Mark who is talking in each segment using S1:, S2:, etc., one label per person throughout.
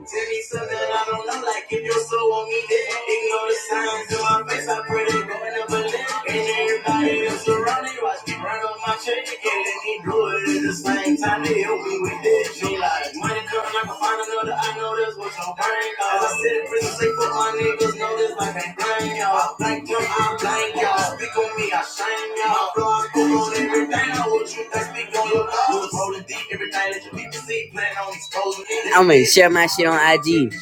S1: Tell me something I don't know, like if you so on me, then ignore the signs in my face. I pray they Going up a balloon. And everybody else around me, watch me run on my check and let me do it at the same time. They help me with that. She like, money coming, I can find another. I know that's what your brain got. I said, prison my niggas know this like a gang, y'all. Like them, I blank, y'all. Speak on me, I shame y'all. My blood pull on everything. I want you to speak on your love. Lewis holding deep, everything that you need to see. Plan on exposing it. I'm gonna share my shit on IG.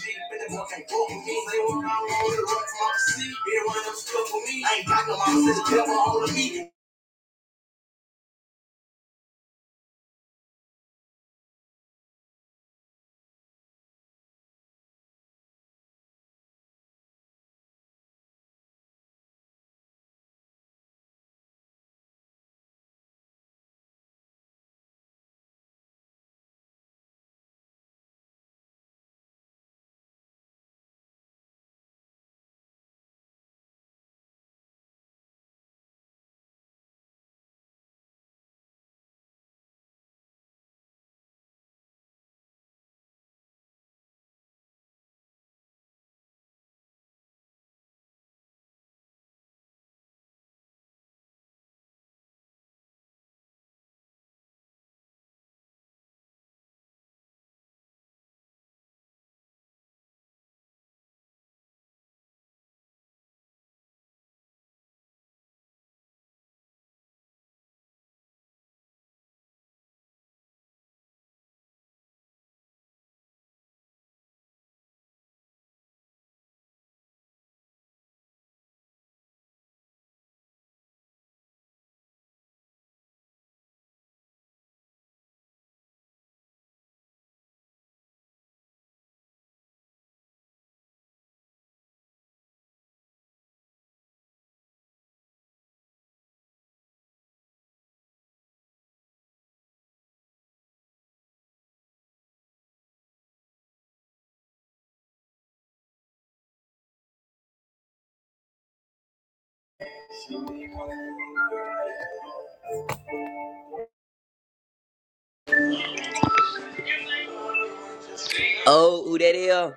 S1: Oh, who that is?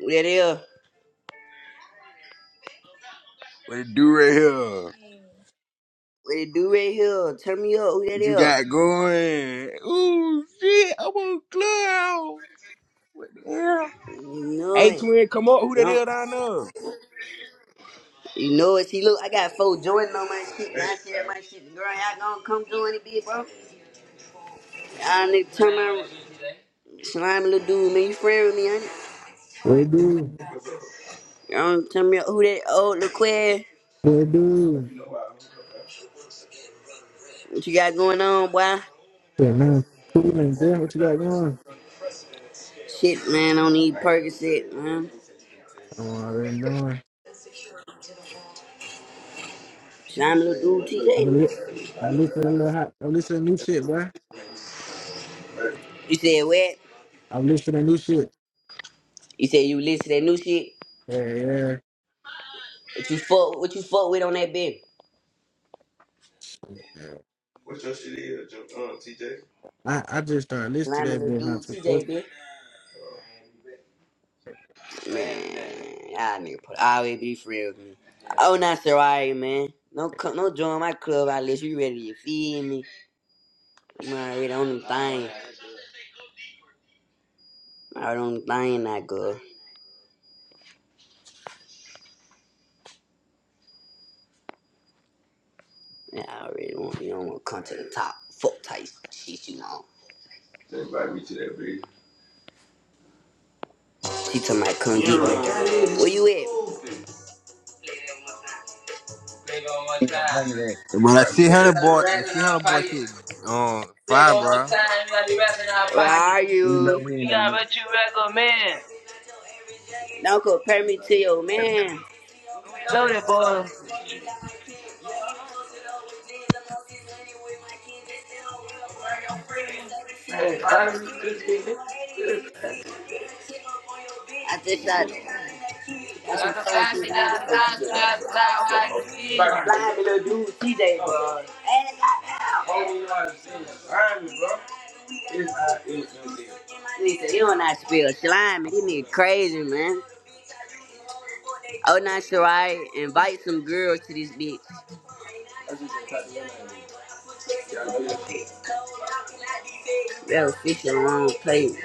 S1: Who that is?
S2: What it do right here?
S1: What it do right here? Turn me up. Who that
S2: What you
S1: is?
S2: got going? Ooh, shit, I'm on Clubhouse. Yeah.
S1: You know
S2: Hey,
S1: it.
S2: twin, come on. Who that
S1: Don't
S2: is down there?
S1: You know it. See, look, I got four Jordan on my shit, and I share my shit. Girl, y'all gonna come join it, big bro? Y'all nigga tell my slime little dude, man, you friend with me, honey?
S3: What do?
S1: Y'all don't tell me who that old little queer,
S3: What do?
S1: what you got going on, boy?
S3: Shit, man. Cool and good. What you got going?
S1: Shit, man, I don't need Percocet, man.
S3: I'm already knowing.
S1: Slime little dude, TJ,
S3: I've been li-
S1: man.
S3: I'm listening to a little hot. I'm listening to new shit, boy.
S1: You said what?
S3: I'm listening to new shit.
S1: You said you listen to that new shit?
S3: Yeah, yeah.
S1: What you fuck, what you fuck with on that bitch? What your shit is, T.J.
S3: I, I just started listening
S1: Slime
S3: to that
S1: little
S3: bit not
S1: dude,
S3: too.
S1: TJ, bitch. Man, y'all nigga put always be free with me. Oh, not sorry, man. No, co- no join my club unless you ready. You feed me? I'm already on the thing. I'm already on the thing, that girl. Yeah, I already want you. Don't want to come to the top. Fuck type shit you on. Invite me to that bitch. She told me come get me. Where you at? Big on my
S4: ain't
S1: time.
S4: on none of that.
S5: But I see
S1: Invite me
S5: how
S1: to
S5: the
S1: You got the
S5: boy, I
S1: rap in
S5: see how
S1: our
S5: the boy
S1: pocket.
S5: shit on
S1: Big
S5: fire,
S1: on my
S5: bro.
S1: time. You got the rap in our pocket. Where
S6: pocket.
S1: are
S4: You know
S1: you?
S4: we ain't
S6: We
S4: no.
S6: got
S4: that.
S6: what you recommend.
S1: Don't compare me to your man.
S6: We loaded, boy. Got
S1: I think that
S6: a five dollars. You got a loud like it
S1: But
S6: is.
S1: like, bro. He said, you don't have to be a slime. He need crazy, man. Oh, not sure I invite some girls to this bitch. That'll fish in the wrong place.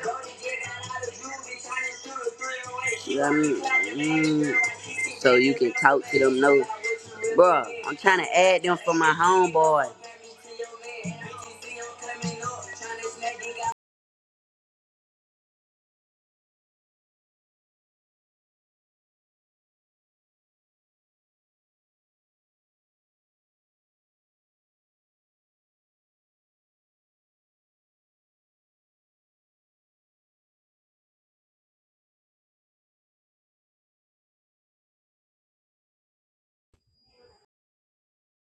S1: You know what I mean? Mm, so you can talk to them. No, bro, I'm trying to add them for my homeboy.